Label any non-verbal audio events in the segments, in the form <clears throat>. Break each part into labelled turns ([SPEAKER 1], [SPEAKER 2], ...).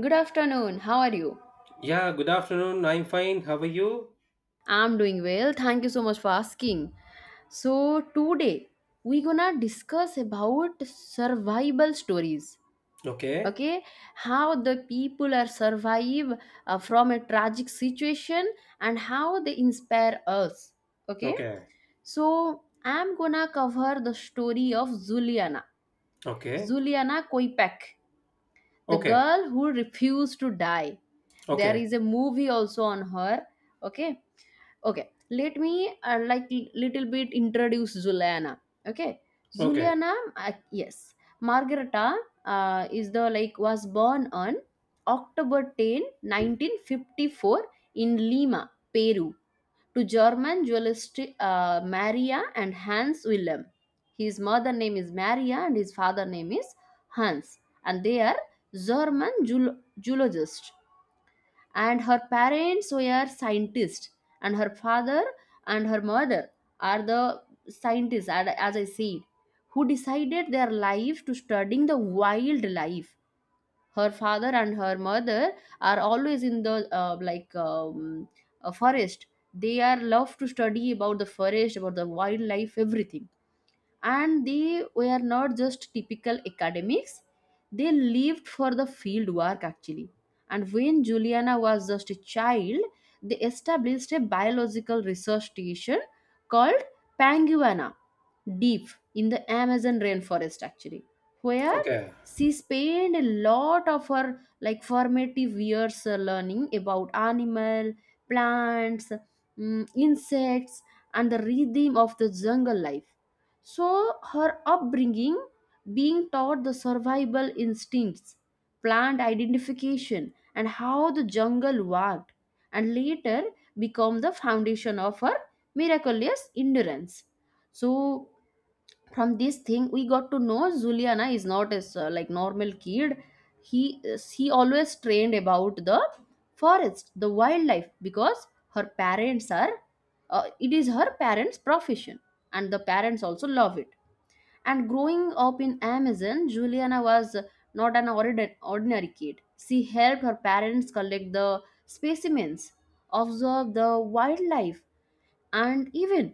[SPEAKER 1] Good afternoon. How are you?
[SPEAKER 2] Yeah, good afternoon. I'm fine. How are you?
[SPEAKER 1] I'm doing well. Thank you so much for asking. So today we gonna discuss about survival stories.
[SPEAKER 2] Okay.
[SPEAKER 1] Okay, how the people are survive from a tragic situation and how they inspire us. Okay,
[SPEAKER 2] Okay.
[SPEAKER 1] so I'm gonna cover the story of Juliana.
[SPEAKER 2] Okay.
[SPEAKER 1] Juliana Koipek, the
[SPEAKER 2] Okay.
[SPEAKER 1] girl who refused to die. There
[SPEAKER 2] Okay.
[SPEAKER 1] is a movie also on her. Okay, okay, let me like little bit introduce Juliana. Okay,
[SPEAKER 2] Okay.
[SPEAKER 1] Juliana, yes, Margareta is the like was born on October 10, 1954 in Lima, Peru, to German dualist Maria and Hans Wilhelm. His mother name is Maria and his father name is Hans, and they are German geologists, and her parents were scientists, and her father and her mother are the scientists and as I said, who decided their life to studying the wildlife. Her father and her mother are always in the a forest. They are love to study about the forest, about the wildlife, everything, and they were not just typical academics. They lived for the field work actually. And when juliana was just a child, they established a biological research station called panguana, deep in the Amazon rainforest actually, where
[SPEAKER 2] Okay.
[SPEAKER 1] she spent a lot of her like formative years learning about animal, plants, insects, and the rhythm of the jungle life. So her upbringing, being taught the survival instincts, plant identification, and how the jungle worked, and later become the foundation of her miraculous endurance. So from this thing we got to know juliana is not as like normal kid. He always trained about the forest, the wildlife, because her parents are, it is her parents profession, and the parents also love it. And growing up in amazon, juliana was not an ordinary kid. She helped her parents collect the specimens, observe the wildlife, and even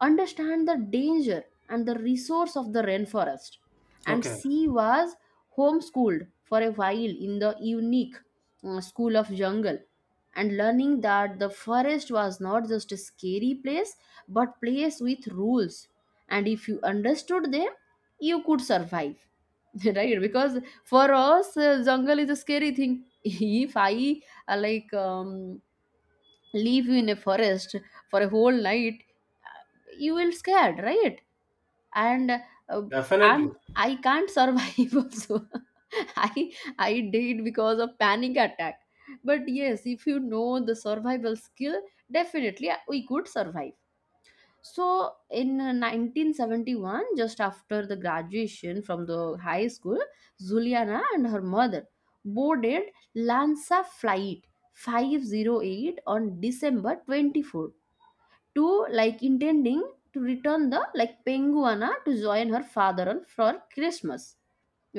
[SPEAKER 1] understand the danger and the resource of the rainforest. And
[SPEAKER 2] Okay.
[SPEAKER 1] she was homeschooled for a while in the unique school of jungle, and learning that the forest was not just a scary place, but place with rules, and if you understood them, you could survive. <laughs> Right, because for us jungle is a scary thing. <laughs> If I uh, like um, leave you in a forest for a whole night, you will scared, right? And
[SPEAKER 2] Definitely.
[SPEAKER 1] I can't survive <laughs> also. I I did because of panic attack. But yes, if you know the survival skill, definitely we could survive. So in 1971, just after the graduation from the high school, Zuliana and her mother boarded Lanza Flight 508 on December 24th, to like intending to return the like penguana, to join her father on for christmas.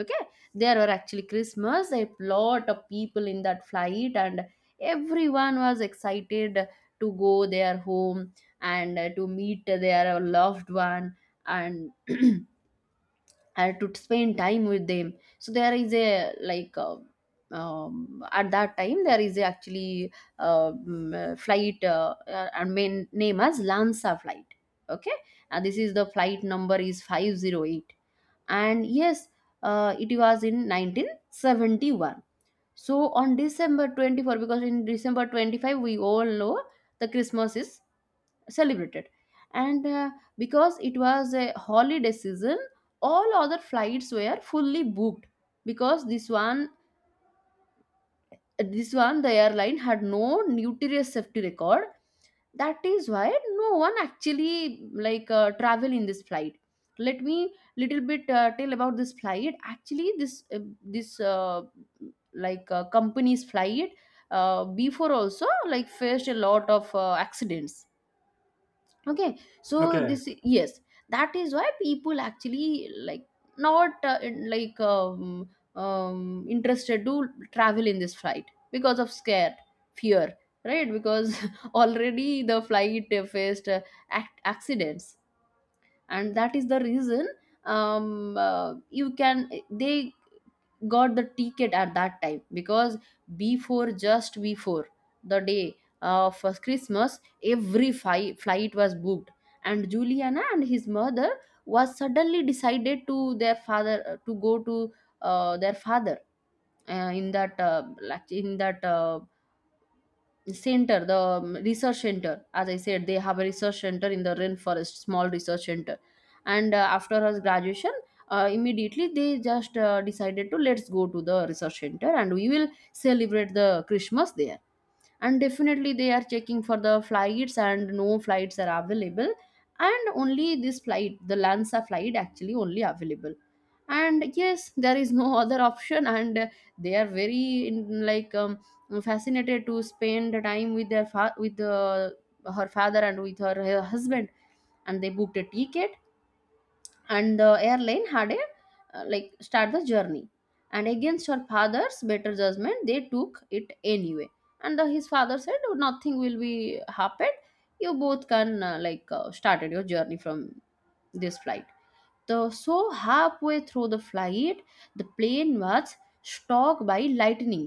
[SPEAKER 1] Okay, there were actually christmas a lot of people in that flight, and everyone was excited to go their home and to meet their loved one and <clears throat> I had to spend time with them. So there is a like at that time there is a actually flight and main name as Lansa flight. Okay, and this is the flight number is 508. And yes, it was in 1971. So on December 24, because in December 25 we all know the Christmas is celebrated. And because it was a holiday season, all other flights were fully booked. Because this one the airline had no nutritious safety record, that is why no one actually like travel in this flight. Let me little bit tell about this flight actually. This this Like company's flight before also like faced a lot of accidents. Okay, so
[SPEAKER 2] Okay.
[SPEAKER 1] this, yes, that is why people actually like not interested to travel in this flight because of scare, fear, right? Because <laughs> already the flight faced accidents, and that is the reason. You can, they got the ticket at that time because before, just before the day of christmas, every flight was booked, and juliana and his mother was suddenly decided to their father to go to their father in that like in that center, the research center, as I said they have a research center in the rainforest, small research center. And after her graduation immediately they just decided to, let's go to the research center and we will celebrate the christmas there. And definitely they are checking for the flights and no flights are available, and only this flight, the lanza flight, actually only available. And yes there is no <laughs> other option. And they are very in, fascinated to spend the time with their with her father and with her husband, and they booked a ticket and the airline had a like start the journey. And against her father's better judgment they took it anyway. And his father said, "Oh, nothing will be happen, you both can started your journey from this flight." The so halfway through the flight, the plane was struck by lightning.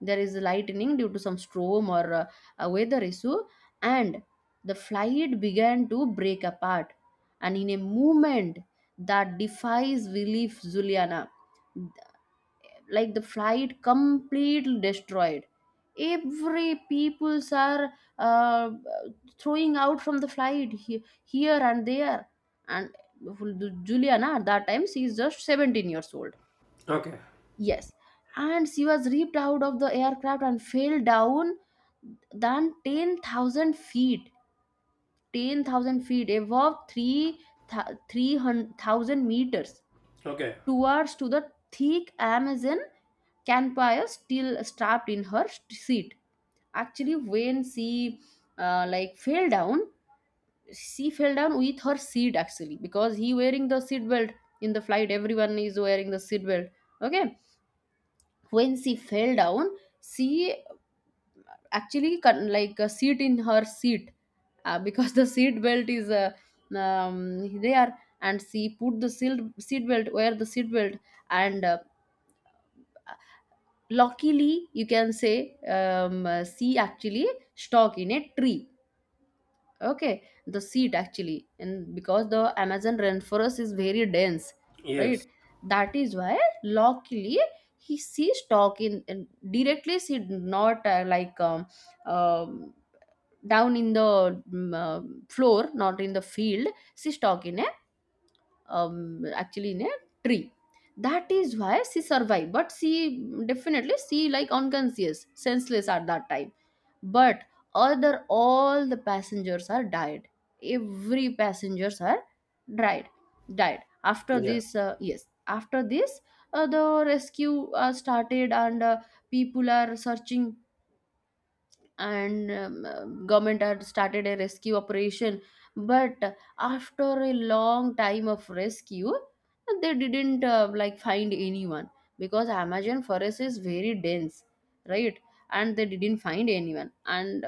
[SPEAKER 1] There is lightning due to some storm or a weather issue, and the flight began to break apart. And in a movement that defies belief, juliana, like the flight completely destroyed, every peoples are uh, throwing out from the flight, here and there. And Juliana at that time, she is just 17 years old.
[SPEAKER 2] Okay.
[SPEAKER 1] Yes, and she was ripped out of the aircraft and fell down than 10,000 feet. 10,000 feet above 3 300,000 meters,
[SPEAKER 2] Okay.
[SPEAKER 1] towards to the thick Amazon campfire, still strapped in her seat. Actually, when she like fell down, she fell down with her seat, actually because he wearing the seat belt in the flight. Everyone is wearing the seat belt. Okay, when she fell down, she actually like a seat in her seat because <laughs> the seat belt is there, and she put the seat belt, wear the seat belt. And luckily, you can say, she actually stuck in a tree, okay, the seat, actually. And because the amazon rainforest is very dense, right,
[SPEAKER 2] Yes.
[SPEAKER 1] that is why luckily he she stuck in directly, she did not um, down in the floor, not in the field. She stuck in a actually in a tree. That is why she survived. But she definitely she like unconscious, senseless at that time. But other all the passengers are died, every passengers are died, died after
[SPEAKER 2] Yeah.
[SPEAKER 1] this. Yes, after this the rescue started. And people are searching, and government had started a rescue operation. But after a long time of rescue, they didn't like find anyone, because amazon forest is very dense, right? And they didn't find anyone, and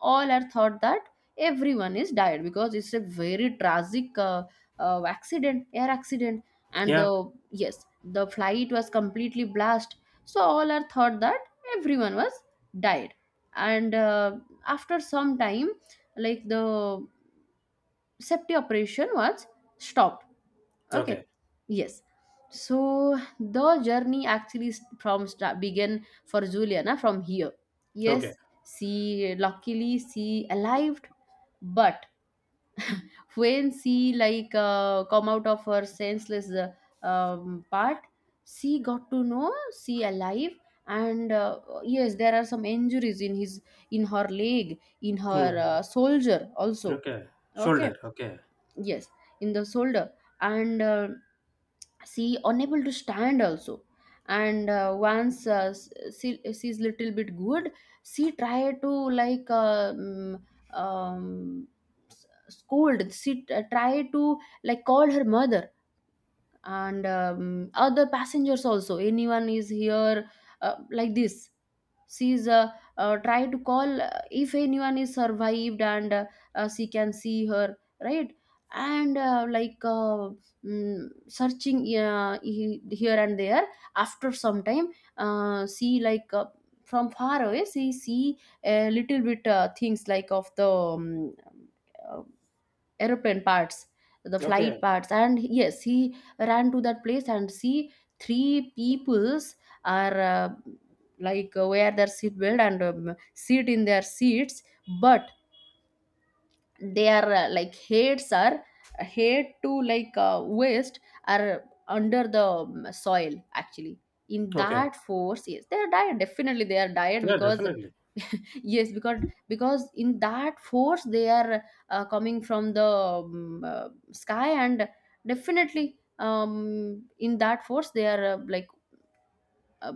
[SPEAKER 1] all are thought that everyone is died, because it's a very tragic accident, air accident. And the,
[SPEAKER 2] Yeah.
[SPEAKER 1] yes, the flight was completely blast. So all are thought that everyone was died. And after some time, like, the safety operation was stopped.
[SPEAKER 2] Okay.
[SPEAKER 1] Okay, yes. So the journey actually from start began for Juliana from here.
[SPEAKER 2] Okay.
[SPEAKER 1] Yes, she luckily she arrived. But when she like come out of her senseless part, she got to know she alive. And yes there are some injuries in his, in her leg, in her
[SPEAKER 2] Mm.
[SPEAKER 1] soldier also.
[SPEAKER 2] Okay.
[SPEAKER 1] Okay,
[SPEAKER 2] Shoulder. Okay.
[SPEAKER 1] yes, in the shoulder. And she unable to stand also. And once she, she's little bit good, she tried to um, scold, she tried to like call her mother, and other passengers also, anyone is here, like this. She's try to call, if anyone is survived. And she can see her, right? And searching here and there. After some time see like from far away she see a little bit things like of the uh, aeroplane parts, the flight
[SPEAKER 2] Okay.
[SPEAKER 1] parts. And yes, he ran to that place and see three peoples are wear their seat belt and sit in their seats. But their like heads are, head to like waist are under the soil, actually, in
[SPEAKER 2] Okay.
[SPEAKER 1] that force. Yes, they are died, definitely they are died.
[SPEAKER 2] Yeah,
[SPEAKER 1] Because
[SPEAKER 2] definitely.
[SPEAKER 1] yes, because in that force they are coming from the sky, and definitely in that force they are uh,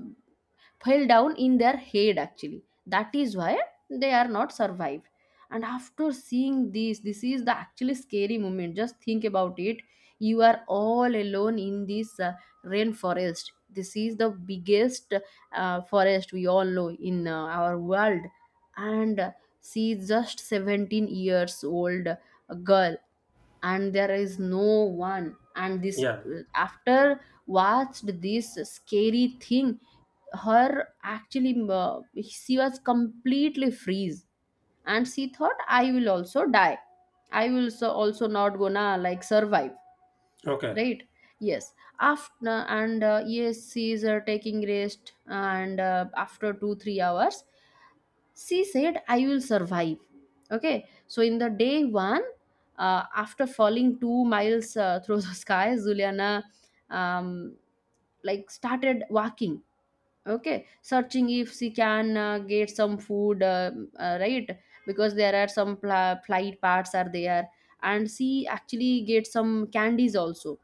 [SPEAKER 1] fell down in their head actually, that is why they are not survived. And after seeing this, this is the actually scary moment. Just think about it, you are all alone in this rainforest. This is the biggest forest we all know in Our world. And she is just 17 years old, a girl, and there is no one. And this,
[SPEAKER 2] Yeah.
[SPEAKER 1] after watched this scary thing, her actually, she was completely freeze. And she thought, "I will also die. I will so also not gonna like survive."
[SPEAKER 2] Okay.
[SPEAKER 1] Right. Yes. After, and yes, she is taking rest, and after 2 3 hours she said, "I will survive." Okay. So in the day one, after falling 2 miles, <laughs> through the sky, Juliana um, like started walking. Okay, searching if she can get some food. Right, because there are some flight parts are there. And she actually gets some candies also,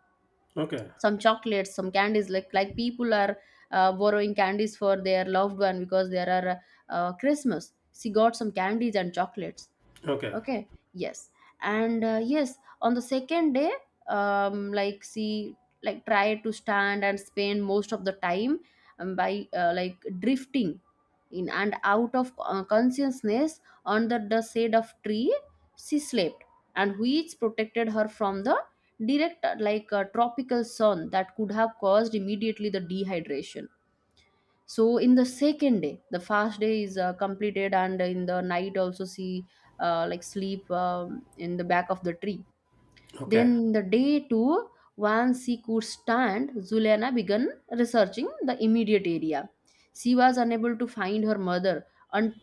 [SPEAKER 2] Okay.
[SPEAKER 1] some chocolates, some candies. Like people are borrowing candies for their loved one because there are Christmas. She got some candies and chocolates.
[SPEAKER 2] Okay.
[SPEAKER 1] Okay, yes. And yes, on the second day, like see, like try to stand and spend most of the time by like drifting in and out of consciousness. Under the shade of tree she slept, and which protected her from the direct like tropical sun that could have caused immediately the dehydration. So in the second day the fast day is completed, and in the night also see like sleep in the back of the tree.
[SPEAKER 2] Okay.
[SPEAKER 1] Then the day two, once she could stand, Zuliana began researching the immediate area. She was unable to find her mother. Until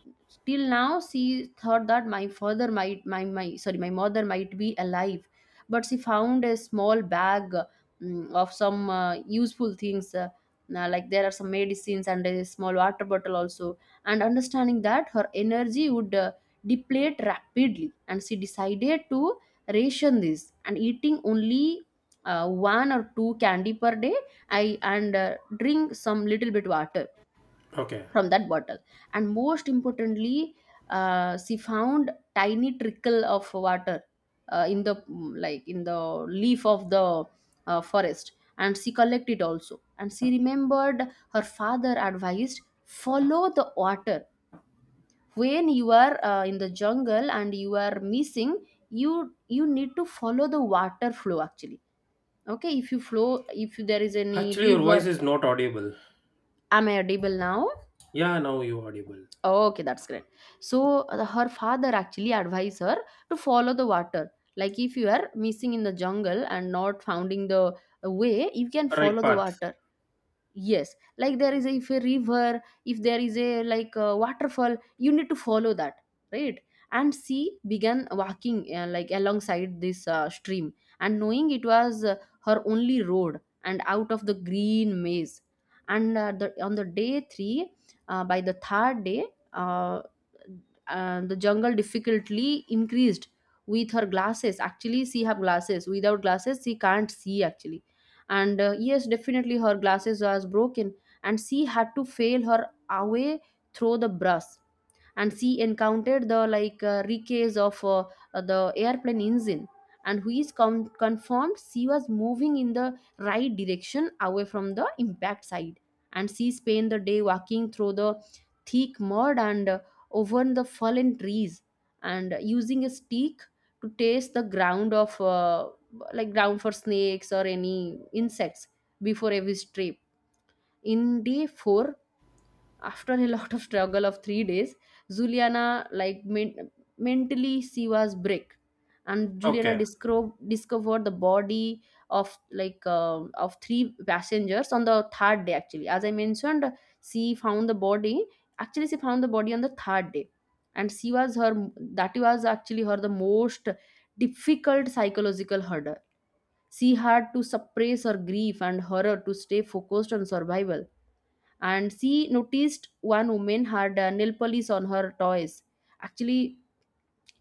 [SPEAKER 1] now, she thought that my father might, my sorry, my mother might be alive. But she found a small bag, of some useful things, like there are some medicines and a small water bottle also. And understanding that her energy would deplete rapidly, and she decided to ration this and eating only one or two candy per day, I and drink some little bit water
[SPEAKER 2] Okay.
[SPEAKER 1] from that bottle. And most importantly, she found tiny trickle of water in the like in the leaf of the forest. And she collected also, and she remembered her father advised, "Follow the water when you are in the jungle and you are missing, you need to follow the water flow actually." Okay, if you flow, if there is any
[SPEAKER 2] Actually, your
[SPEAKER 1] river.
[SPEAKER 2] voice is not audible.
[SPEAKER 1] Am I audible now?
[SPEAKER 2] Yeah, now you audible.
[SPEAKER 1] Okay, that's great. So her father actually advised her to follow the water. Like if you are missing in the jungle and not finding the way, you can
[SPEAKER 2] Right
[SPEAKER 1] follow the
[SPEAKER 2] path.
[SPEAKER 1] water. Yes, like there is a, if a river, if there is a like a waterfall, you need to follow that. Right. And she began walking like alongside this stream, and knowing it was her only road and out of the green maze. And on the day 3, by the third day, uh, the jungle difficulty increased. With her glasses, actually, she have glasses, without glasses she can't see actually. And yes, definitely her glasses was broken, and she had to fail her away through the brush. And she encountered the like wreckage of the airplane engine, and who is confirmed she was moving in the right direction away from the impact site. And she spent the day walking through the thick mud, and over the fallen trees, and using a stick to taste the ground of like ground for snakes or any insects before every trip. In day 4, after a <laughs> lot of struggle of 3 days, Juliana like mentally she was break. And Juliana
[SPEAKER 2] Okay.
[SPEAKER 1] discovered the body of like of three passengers on the third day. Actually, as I mentioned, she found the body, actually she found the body on the third day. And she was her, that was actually her the most difficult psychological hurdle. She had to suppress her grief and horror to stay focused on survival. And she noticed one woman had nail polish on her toys. Actually,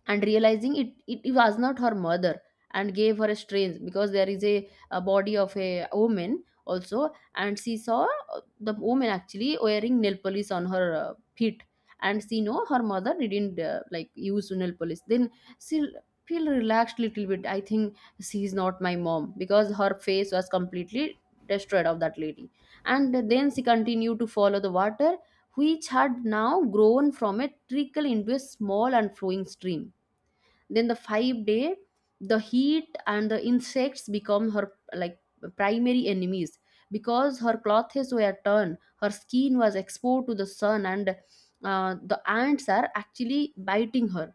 [SPEAKER 1] and realizing it was not her mother, and gave her a strange, because there is a body of a woman also, and she saw the woman actually wearing nail polish on her feet. And she know her mother didn't like use nail polish. Then she feel relaxed little bit I think. She is not my mom because her face was completely destroyed, of that lady. And then she continued to follow the water, which had now grown from a trickle into a small and flowing stream. Then the 5 day, the heat and the insects become her like primary enemies, because her clothes were torn, her skin was exposed to the sun, and the ants are actually biting her.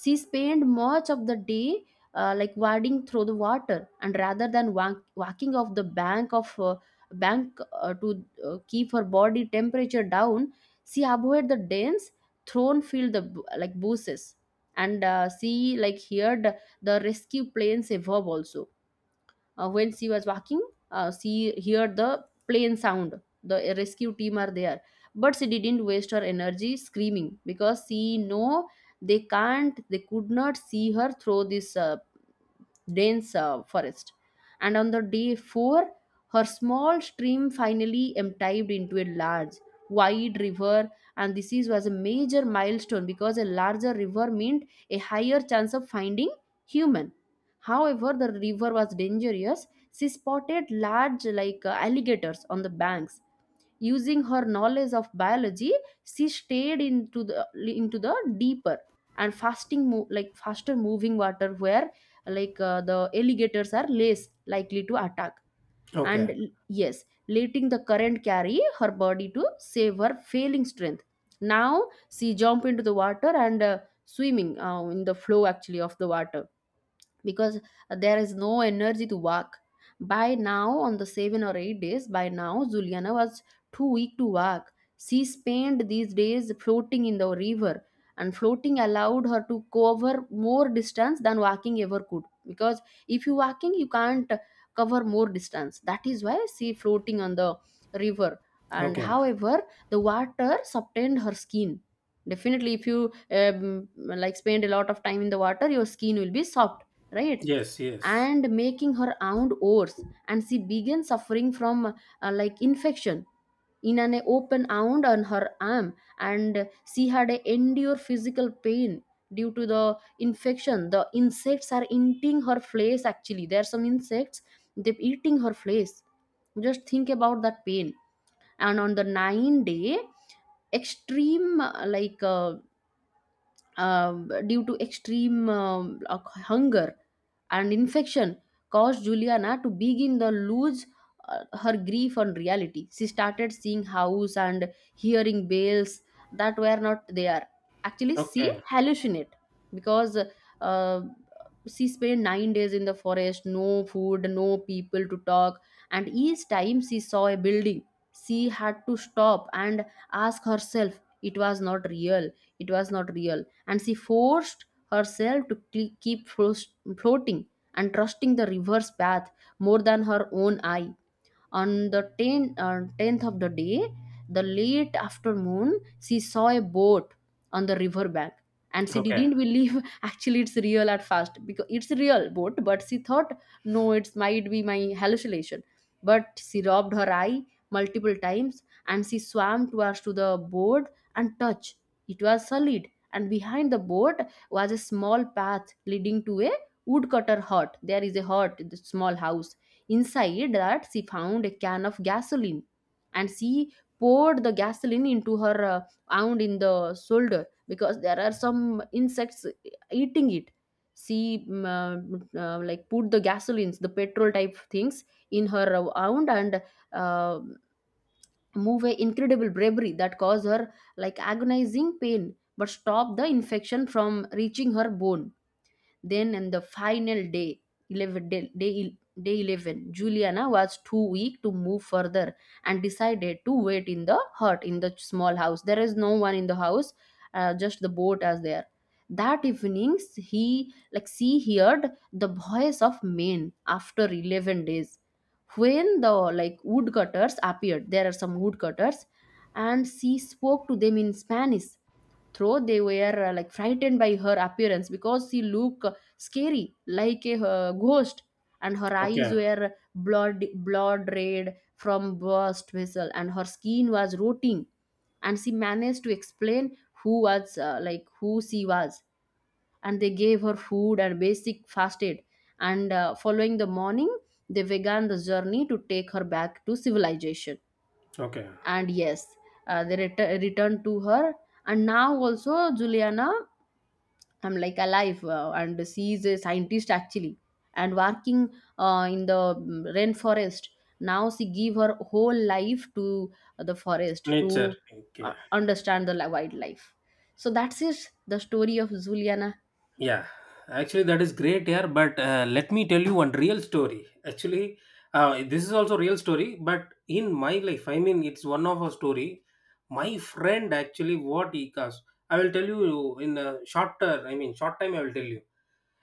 [SPEAKER 1] She spent much of the day like wading through the water, and rather than walking off the bank of bank to keep her body temperature down. She avoided the dense thorn-filled the like bushes. And she like heard the rescue planes above also. When she was walking, she heard the plane sound. The rescue team are there, but she didn't waste her energy screaming because she know they can't, they could not see her through this dense forest. And on the day four, her small stream finally emptied into a large, wide river. And this was a major milestone, because a larger river meant a higher chance of finding human. However, the river was dangerous. She spotted large, like alligators on the banks. Using her knowledge of biology, she stayed into the deeper and like faster moving water where like the alligators are less likely to attack. And
[SPEAKER 2] Okay.
[SPEAKER 1] yes, letting the current carry her body to save her failing strength. Now she jump into the water and swimming in the flow actually of the water, because there is no energy to walk. By now, on the 7 or 8 days, by now, Juliana was too weak to walk. She spent these days floating in the river, and floating allowed her to cover more distance than walking ever could. Because if you walking, you can't cover more distance. That is why she floating on the river. And
[SPEAKER 2] Okay.
[SPEAKER 1] however, the water subtained her skin. Definitely, if you like spend a lot of time in the water, your skin will be soft, right.
[SPEAKER 2] Yes. Yes.
[SPEAKER 1] And making her aunt worse, and she began suffering from like infection in an open wound on her arm. And she had a endure physical pain due to the infection. The insects are eating her flesh, actually, there are some insects, they're eating her flesh. Just think about that pain. And on the 9 day, extreme due to extreme hunger and infection caused Juliana to begin to lose her grief on reality. She started seeing house and hearing bells that were not there. Actually, she
[SPEAKER 2] Okay.
[SPEAKER 1] hallucinate, because uh, she spent 9 days in the forest, no food, no people to talk. And each time she saw a building, she had to stop and ask herself, "It was not real. It was not real." And she forced herself to keep floating and trusting the river's path more than her own eye. On the 10, 10th of the day, the late afternoon, she saw a boat on the river bank. And she
[SPEAKER 2] Okay,
[SPEAKER 1] didn't believe <laughs> actually it's real at first because it's a real boat, but she thought, "No, it's might be my hallucination." But she rubbed her eye multiple times, and she swam towards to the boat and touched. It was solid. And behind the boat was a small path leading to a woodcutter hut. There is a hut, the small house. Inside that, she found a can of gasoline, and she poured the gasoline into her wound in the shoulder because there are some insects eating it. She like put the gasolines, the petrol type things in her wound, and uh, move a incredible bravery that caused her like agonizing pain but stop the infection from reaching her bone. Then, on the final day, 11, day 11, Juliana was too weak to move further and decided to wait in the hut in the small house. There is no one in the house, just the boat as there. That evenings he like she heard the voice of men after 11 days, when the like woodcutters appeared. There are some woodcutters. And she spoke to them in Spanish, though they were like frightened by her appearance because she looked scary like a ghost. And her eyes
[SPEAKER 2] okay,
[SPEAKER 1] were blood red from burst vessel, and her skin was rotting. And she managed to explain who was like who she was. And they gave her food and basic fast aid. And following the morning, they began the journey to take her back to civilization.
[SPEAKER 2] okay.
[SPEAKER 1] And yes, they returned to her. And now also Juliana, I'm like alive, and she is a scientist actually, and working in the rainforest. Now she give her whole life to the forest to
[SPEAKER 2] Nature. Okay.
[SPEAKER 1] understand the wildlife. So that's it, the story of Juliana.
[SPEAKER 2] Yeah. Actually, that is great here. But let me tell you one real story. Actually, this is also real story. But in my life, I mean, it's one of a story. My friend actually what he caused. I will tell you in a shorter. I mean, short time. I will tell you.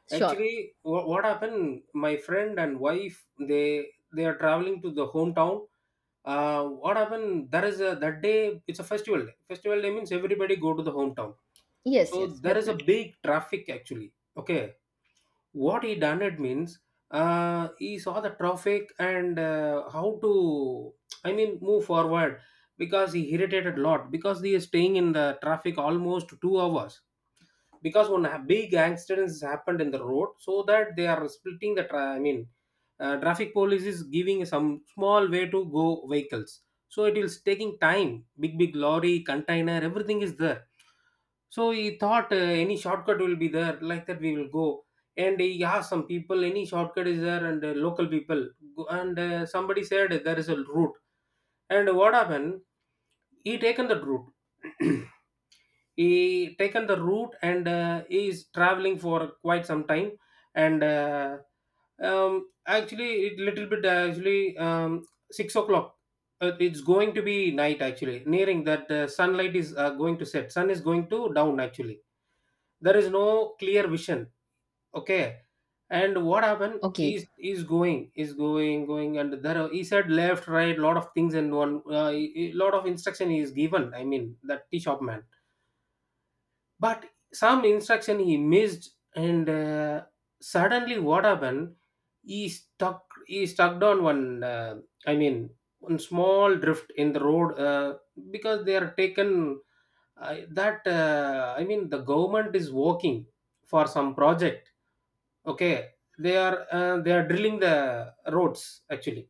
[SPEAKER 1] Sure.
[SPEAKER 2] Actually, what happened, my friend and wife, they they are traveling to the hometown. What happened, there is a, that day it's a festival day. Festival day means everybody go to the hometown.
[SPEAKER 1] Yes,
[SPEAKER 2] So
[SPEAKER 1] yes,
[SPEAKER 2] there is a
[SPEAKER 1] definitely.
[SPEAKER 2] big traffic, actually. Okay. What he done, it means, he saw the traffic, and how to, I mean, move forward, because he irritated a lot, because he is staying in the traffic almost 2 hours. Because one big accident has happened in the road, so that they are splitting the I mean, traffic police is giving some small way to go vehicles, so it is taking time. Big big lorry, container, everything is there. So he thought, any shortcut will be there, like that we will go. And he asked some people, any shortcut is there, and local people go, and somebody said there is a route. And what happened, he taken that route. <clears throat> He taken the route, and he is traveling for quite some time, and actually, it little bit, actually, 6 o'clock, it's going to be night actually, nearing that, sunlight is, going to set, sun is going to down actually. There is no clear vision. Okay. And what happened,
[SPEAKER 1] Okay.
[SPEAKER 2] is going is going going, and he said left, right, lot of things. And one lot of instruction he is given, I mean, that tea shop man. But some instruction he missed, and suddenly what happened, he stuck on one, I mean, one small drift in the road, because they are taken, that, I mean, the government is working for some project. Okay. They are, they are drilling the roads, actually.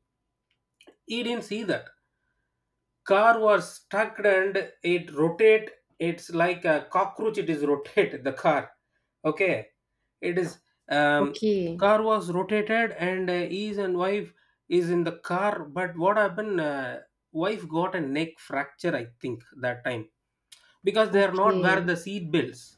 [SPEAKER 2] He didn't see that. Car was stuck, and it rotate. It's like a cockroach, it is rotate the car. Okay. It is, um,
[SPEAKER 1] Okay,
[SPEAKER 2] car was rotated. And his and wife is in the car. But what happened, wife got a neck fracture, I think, that time, because they are not wear
[SPEAKER 1] okay.
[SPEAKER 2] the seat belts.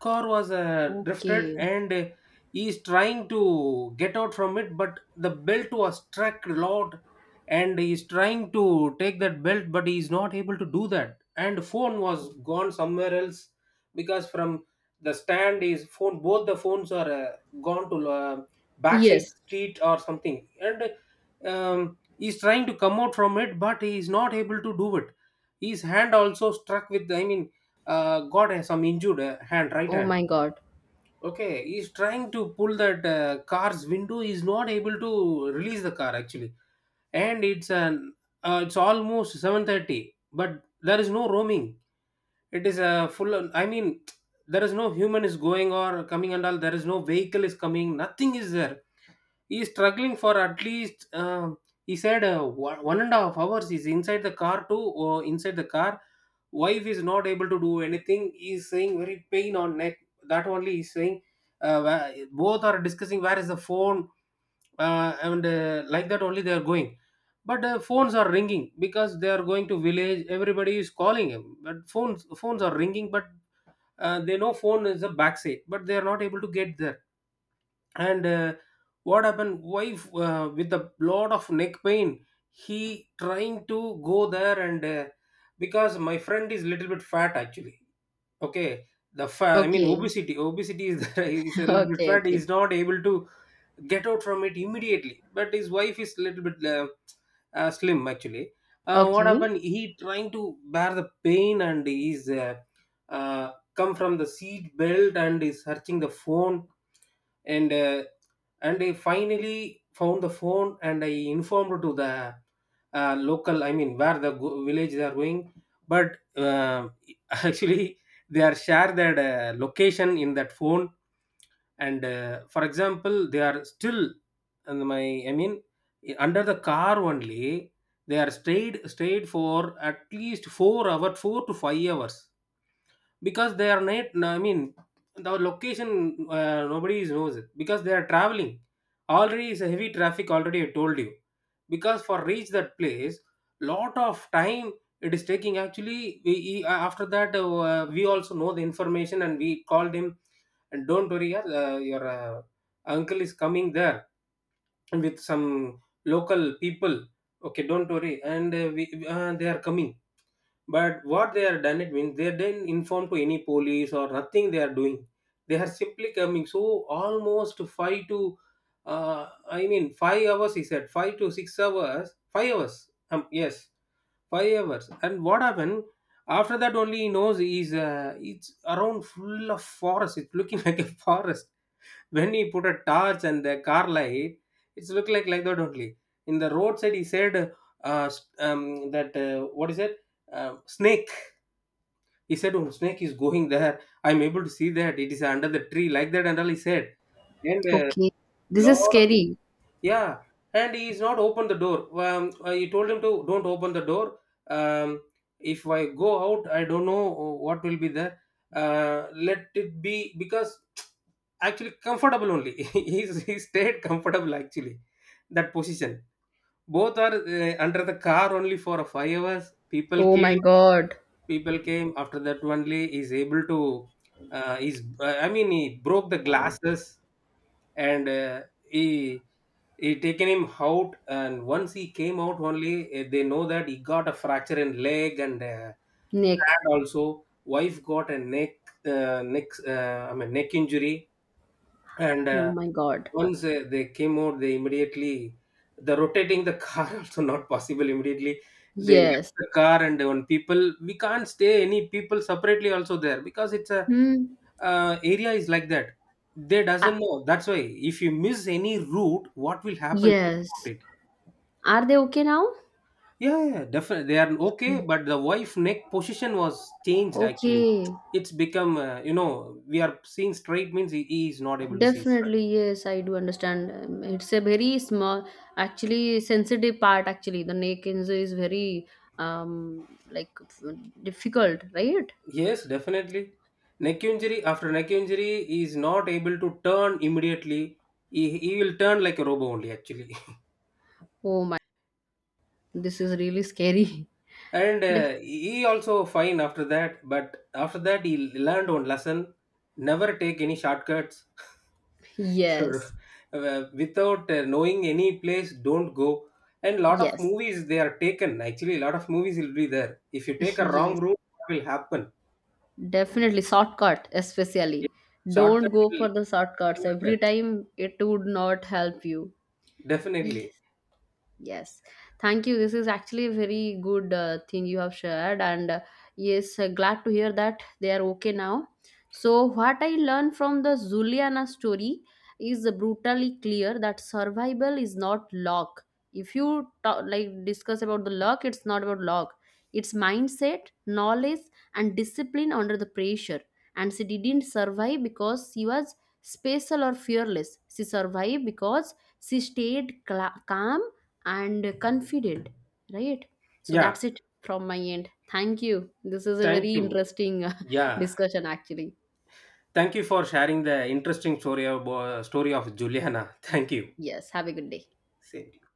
[SPEAKER 2] Car was drifted,
[SPEAKER 1] Okay.
[SPEAKER 2] and he is trying to get out from it, but the belt was struck a lot. And he is trying to take that belt, but he is not able to do that. And phone was gone somewhere else, because from the stand is phone, both the phones are gone to backside
[SPEAKER 1] Yes.
[SPEAKER 2] street or something. And he is trying to come out from it, but he is not able to do it. His hand also struck with, I mean, got a, some injured hand, right
[SPEAKER 1] Oh
[SPEAKER 2] hand.
[SPEAKER 1] my god.
[SPEAKER 2] Okay, he's trying to pull that car's window, he's not able to release the car actually. And it's almost 7:30, but there is no roaming. It is a full I mean, there is no human is going or coming. And all, there is no vehicle is coming, nothing is there. He's struggling for at least, he said, one and a half hours, he's inside the car too, or inside the car. Wife is not able to do anything, he's saying very pain on neck, that only he's saying. Both are discussing, where is the phone. And Like that only they are going. But phones are ringing, because they are going to village, everybody is calling him, but phones are ringing, but they know phone is a backside, but they are not able to get there. And what happened, wife, with a lot of neck pain, he trying to go there, and because my friend is little bit fat, actually. Okay. The I mean,
[SPEAKER 1] Okay.
[SPEAKER 2] obesity is, <laughs> is a little bit
[SPEAKER 1] Okay,
[SPEAKER 2] fat, he
[SPEAKER 1] okay.
[SPEAKER 2] is not able to get out from it immediately. But his wife is a little bit slim, actually. What
[SPEAKER 1] Okay.
[SPEAKER 2] happened, he trying to bear the pain, and he's, come from the seat belt, and is searching the phone. And and I finally found the phone, and I informed to the local, I mean, where the village they are going. But <laughs> actually, they are share their location in that phone. And for example, they are still, and my, I mean, under the car only, they are stayed for at least 4 hours, 4 to 5 hours, because they are not, I mean, the location, nobody knows it, because they are traveling. Already is a heavy traffic, already I told you, because for reach that place, lot of time it is taking actually. After that, we also know the information, and we called him. And, don't worry, yeah, your uncle is coming there with some local people. Okay, don't worry. And they are coming. But what they are done, it means, they didn't inform to any police, or nothing they are doing, they are simply coming. So almost five to, I mean, 5 hours, he said, 5 to 6 hours, 5 hours, yes, 5 hours. And what happened, after that only, he knows is, it's around full of forest, it's looking <laughs> like a forest. When he put a torch and the car light, it's look like that only. In the roadside, he said, that, what is it, snake. He said, oh, snake is going there, I'm able to see that, it is under the tree, like that and all, he said. And
[SPEAKER 1] Okay. This is
[SPEAKER 2] lord,
[SPEAKER 1] scary.
[SPEAKER 2] yeah. And he is not open the door. He told him to don't open the door. um, if I go out, I don't know what will be there, uh, let it be, because actually comfortable only. <laughs> He he stayed comfortable actually, that position, both are under the car only for 5 hours. people
[SPEAKER 1] Oh my
[SPEAKER 2] came
[SPEAKER 1] God.
[SPEAKER 2] people came after that only is able to, is I mean, he broke the glasses, and he he taken him out. And once he came out only, they know that he got a fracture in leg, and
[SPEAKER 1] Nick.
[SPEAKER 2] hand also, wife got a neck, I mean, neck injury. And
[SPEAKER 1] Oh my God.
[SPEAKER 2] once they came out, they immediately, the rotating the car <laughs> also not possible immediately, they
[SPEAKER 1] Yes.
[SPEAKER 2] left the car. And on people, we can't stay, any people separately also there, because it's a,
[SPEAKER 1] Hmm.
[SPEAKER 2] area is like that, they
[SPEAKER 1] Ah,
[SPEAKER 2] doesn't know, that's why. If you miss any route, what will happen? Think
[SPEAKER 1] yes.
[SPEAKER 2] about it.
[SPEAKER 1] Are they okay now?
[SPEAKER 2] Yeah, yeah, yeah, definitely they are okay, but the wife neck position was changed actually.
[SPEAKER 1] Okay.
[SPEAKER 2] It's become, we are seeing straight means, he is not able to see straight.
[SPEAKER 1] Definitely, yes, I do understand. It's a very small, actually sensitive part. Actually, the neck injury is very like difficult, right?
[SPEAKER 2] Yes, definitely. Neck injury, after neck injury he is not able to turn immediately. He will turn like a robo only, actually.
[SPEAKER 1] Oh my, this is really scary.
[SPEAKER 2] <laughs> And
[SPEAKER 1] <laughs> Def-
[SPEAKER 2] he also fine after that. But after that, he learned one lesson: never take any shortcuts. <laughs> You're-
[SPEAKER 1] Yes,
[SPEAKER 2] Without knowing any place, don't go. And lot of
[SPEAKER 1] yes,
[SPEAKER 2] movies they are taken actually. Lot of movies will be there. If you
[SPEAKER 1] <laughs>
[SPEAKER 2] take a
[SPEAKER 1] yes.
[SPEAKER 2] wrong route, what will happen?
[SPEAKER 1] Definitely shortcut, especially.
[SPEAKER 2] Yeah. Shortcut
[SPEAKER 1] Don't go
[SPEAKER 2] will
[SPEAKER 1] for the shortcuts. Every
[SPEAKER 2] Shortcuts,
[SPEAKER 1] time it would not help you. Yes.
[SPEAKER 2] definitely.
[SPEAKER 1] Yes, thank you. This is actually a very good thing you have shared, and yes, glad to hear that they are okay now. So, what I learned from the Zuliana story is brutally clear that survival is not luck. If you talk, like discuss about the luck, it's not about luck. It's mindset, knowledge, and discipline under the pressure. And she didn't survive because she was special or fearless. She survived because she stayed cla calm and confident. Right. So
[SPEAKER 2] Yeah.
[SPEAKER 1] that's it from my end. Thank you. This is a
[SPEAKER 2] Thank
[SPEAKER 1] very
[SPEAKER 2] you.
[SPEAKER 1] interesting <laughs>
[SPEAKER 2] Yeah.
[SPEAKER 1] discussion actually.
[SPEAKER 2] Thank you for sharing the interesting story of Juliana. <laughs> Thank you.
[SPEAKER 1] Yes, have a good day.
[SPEAKER 2] Same.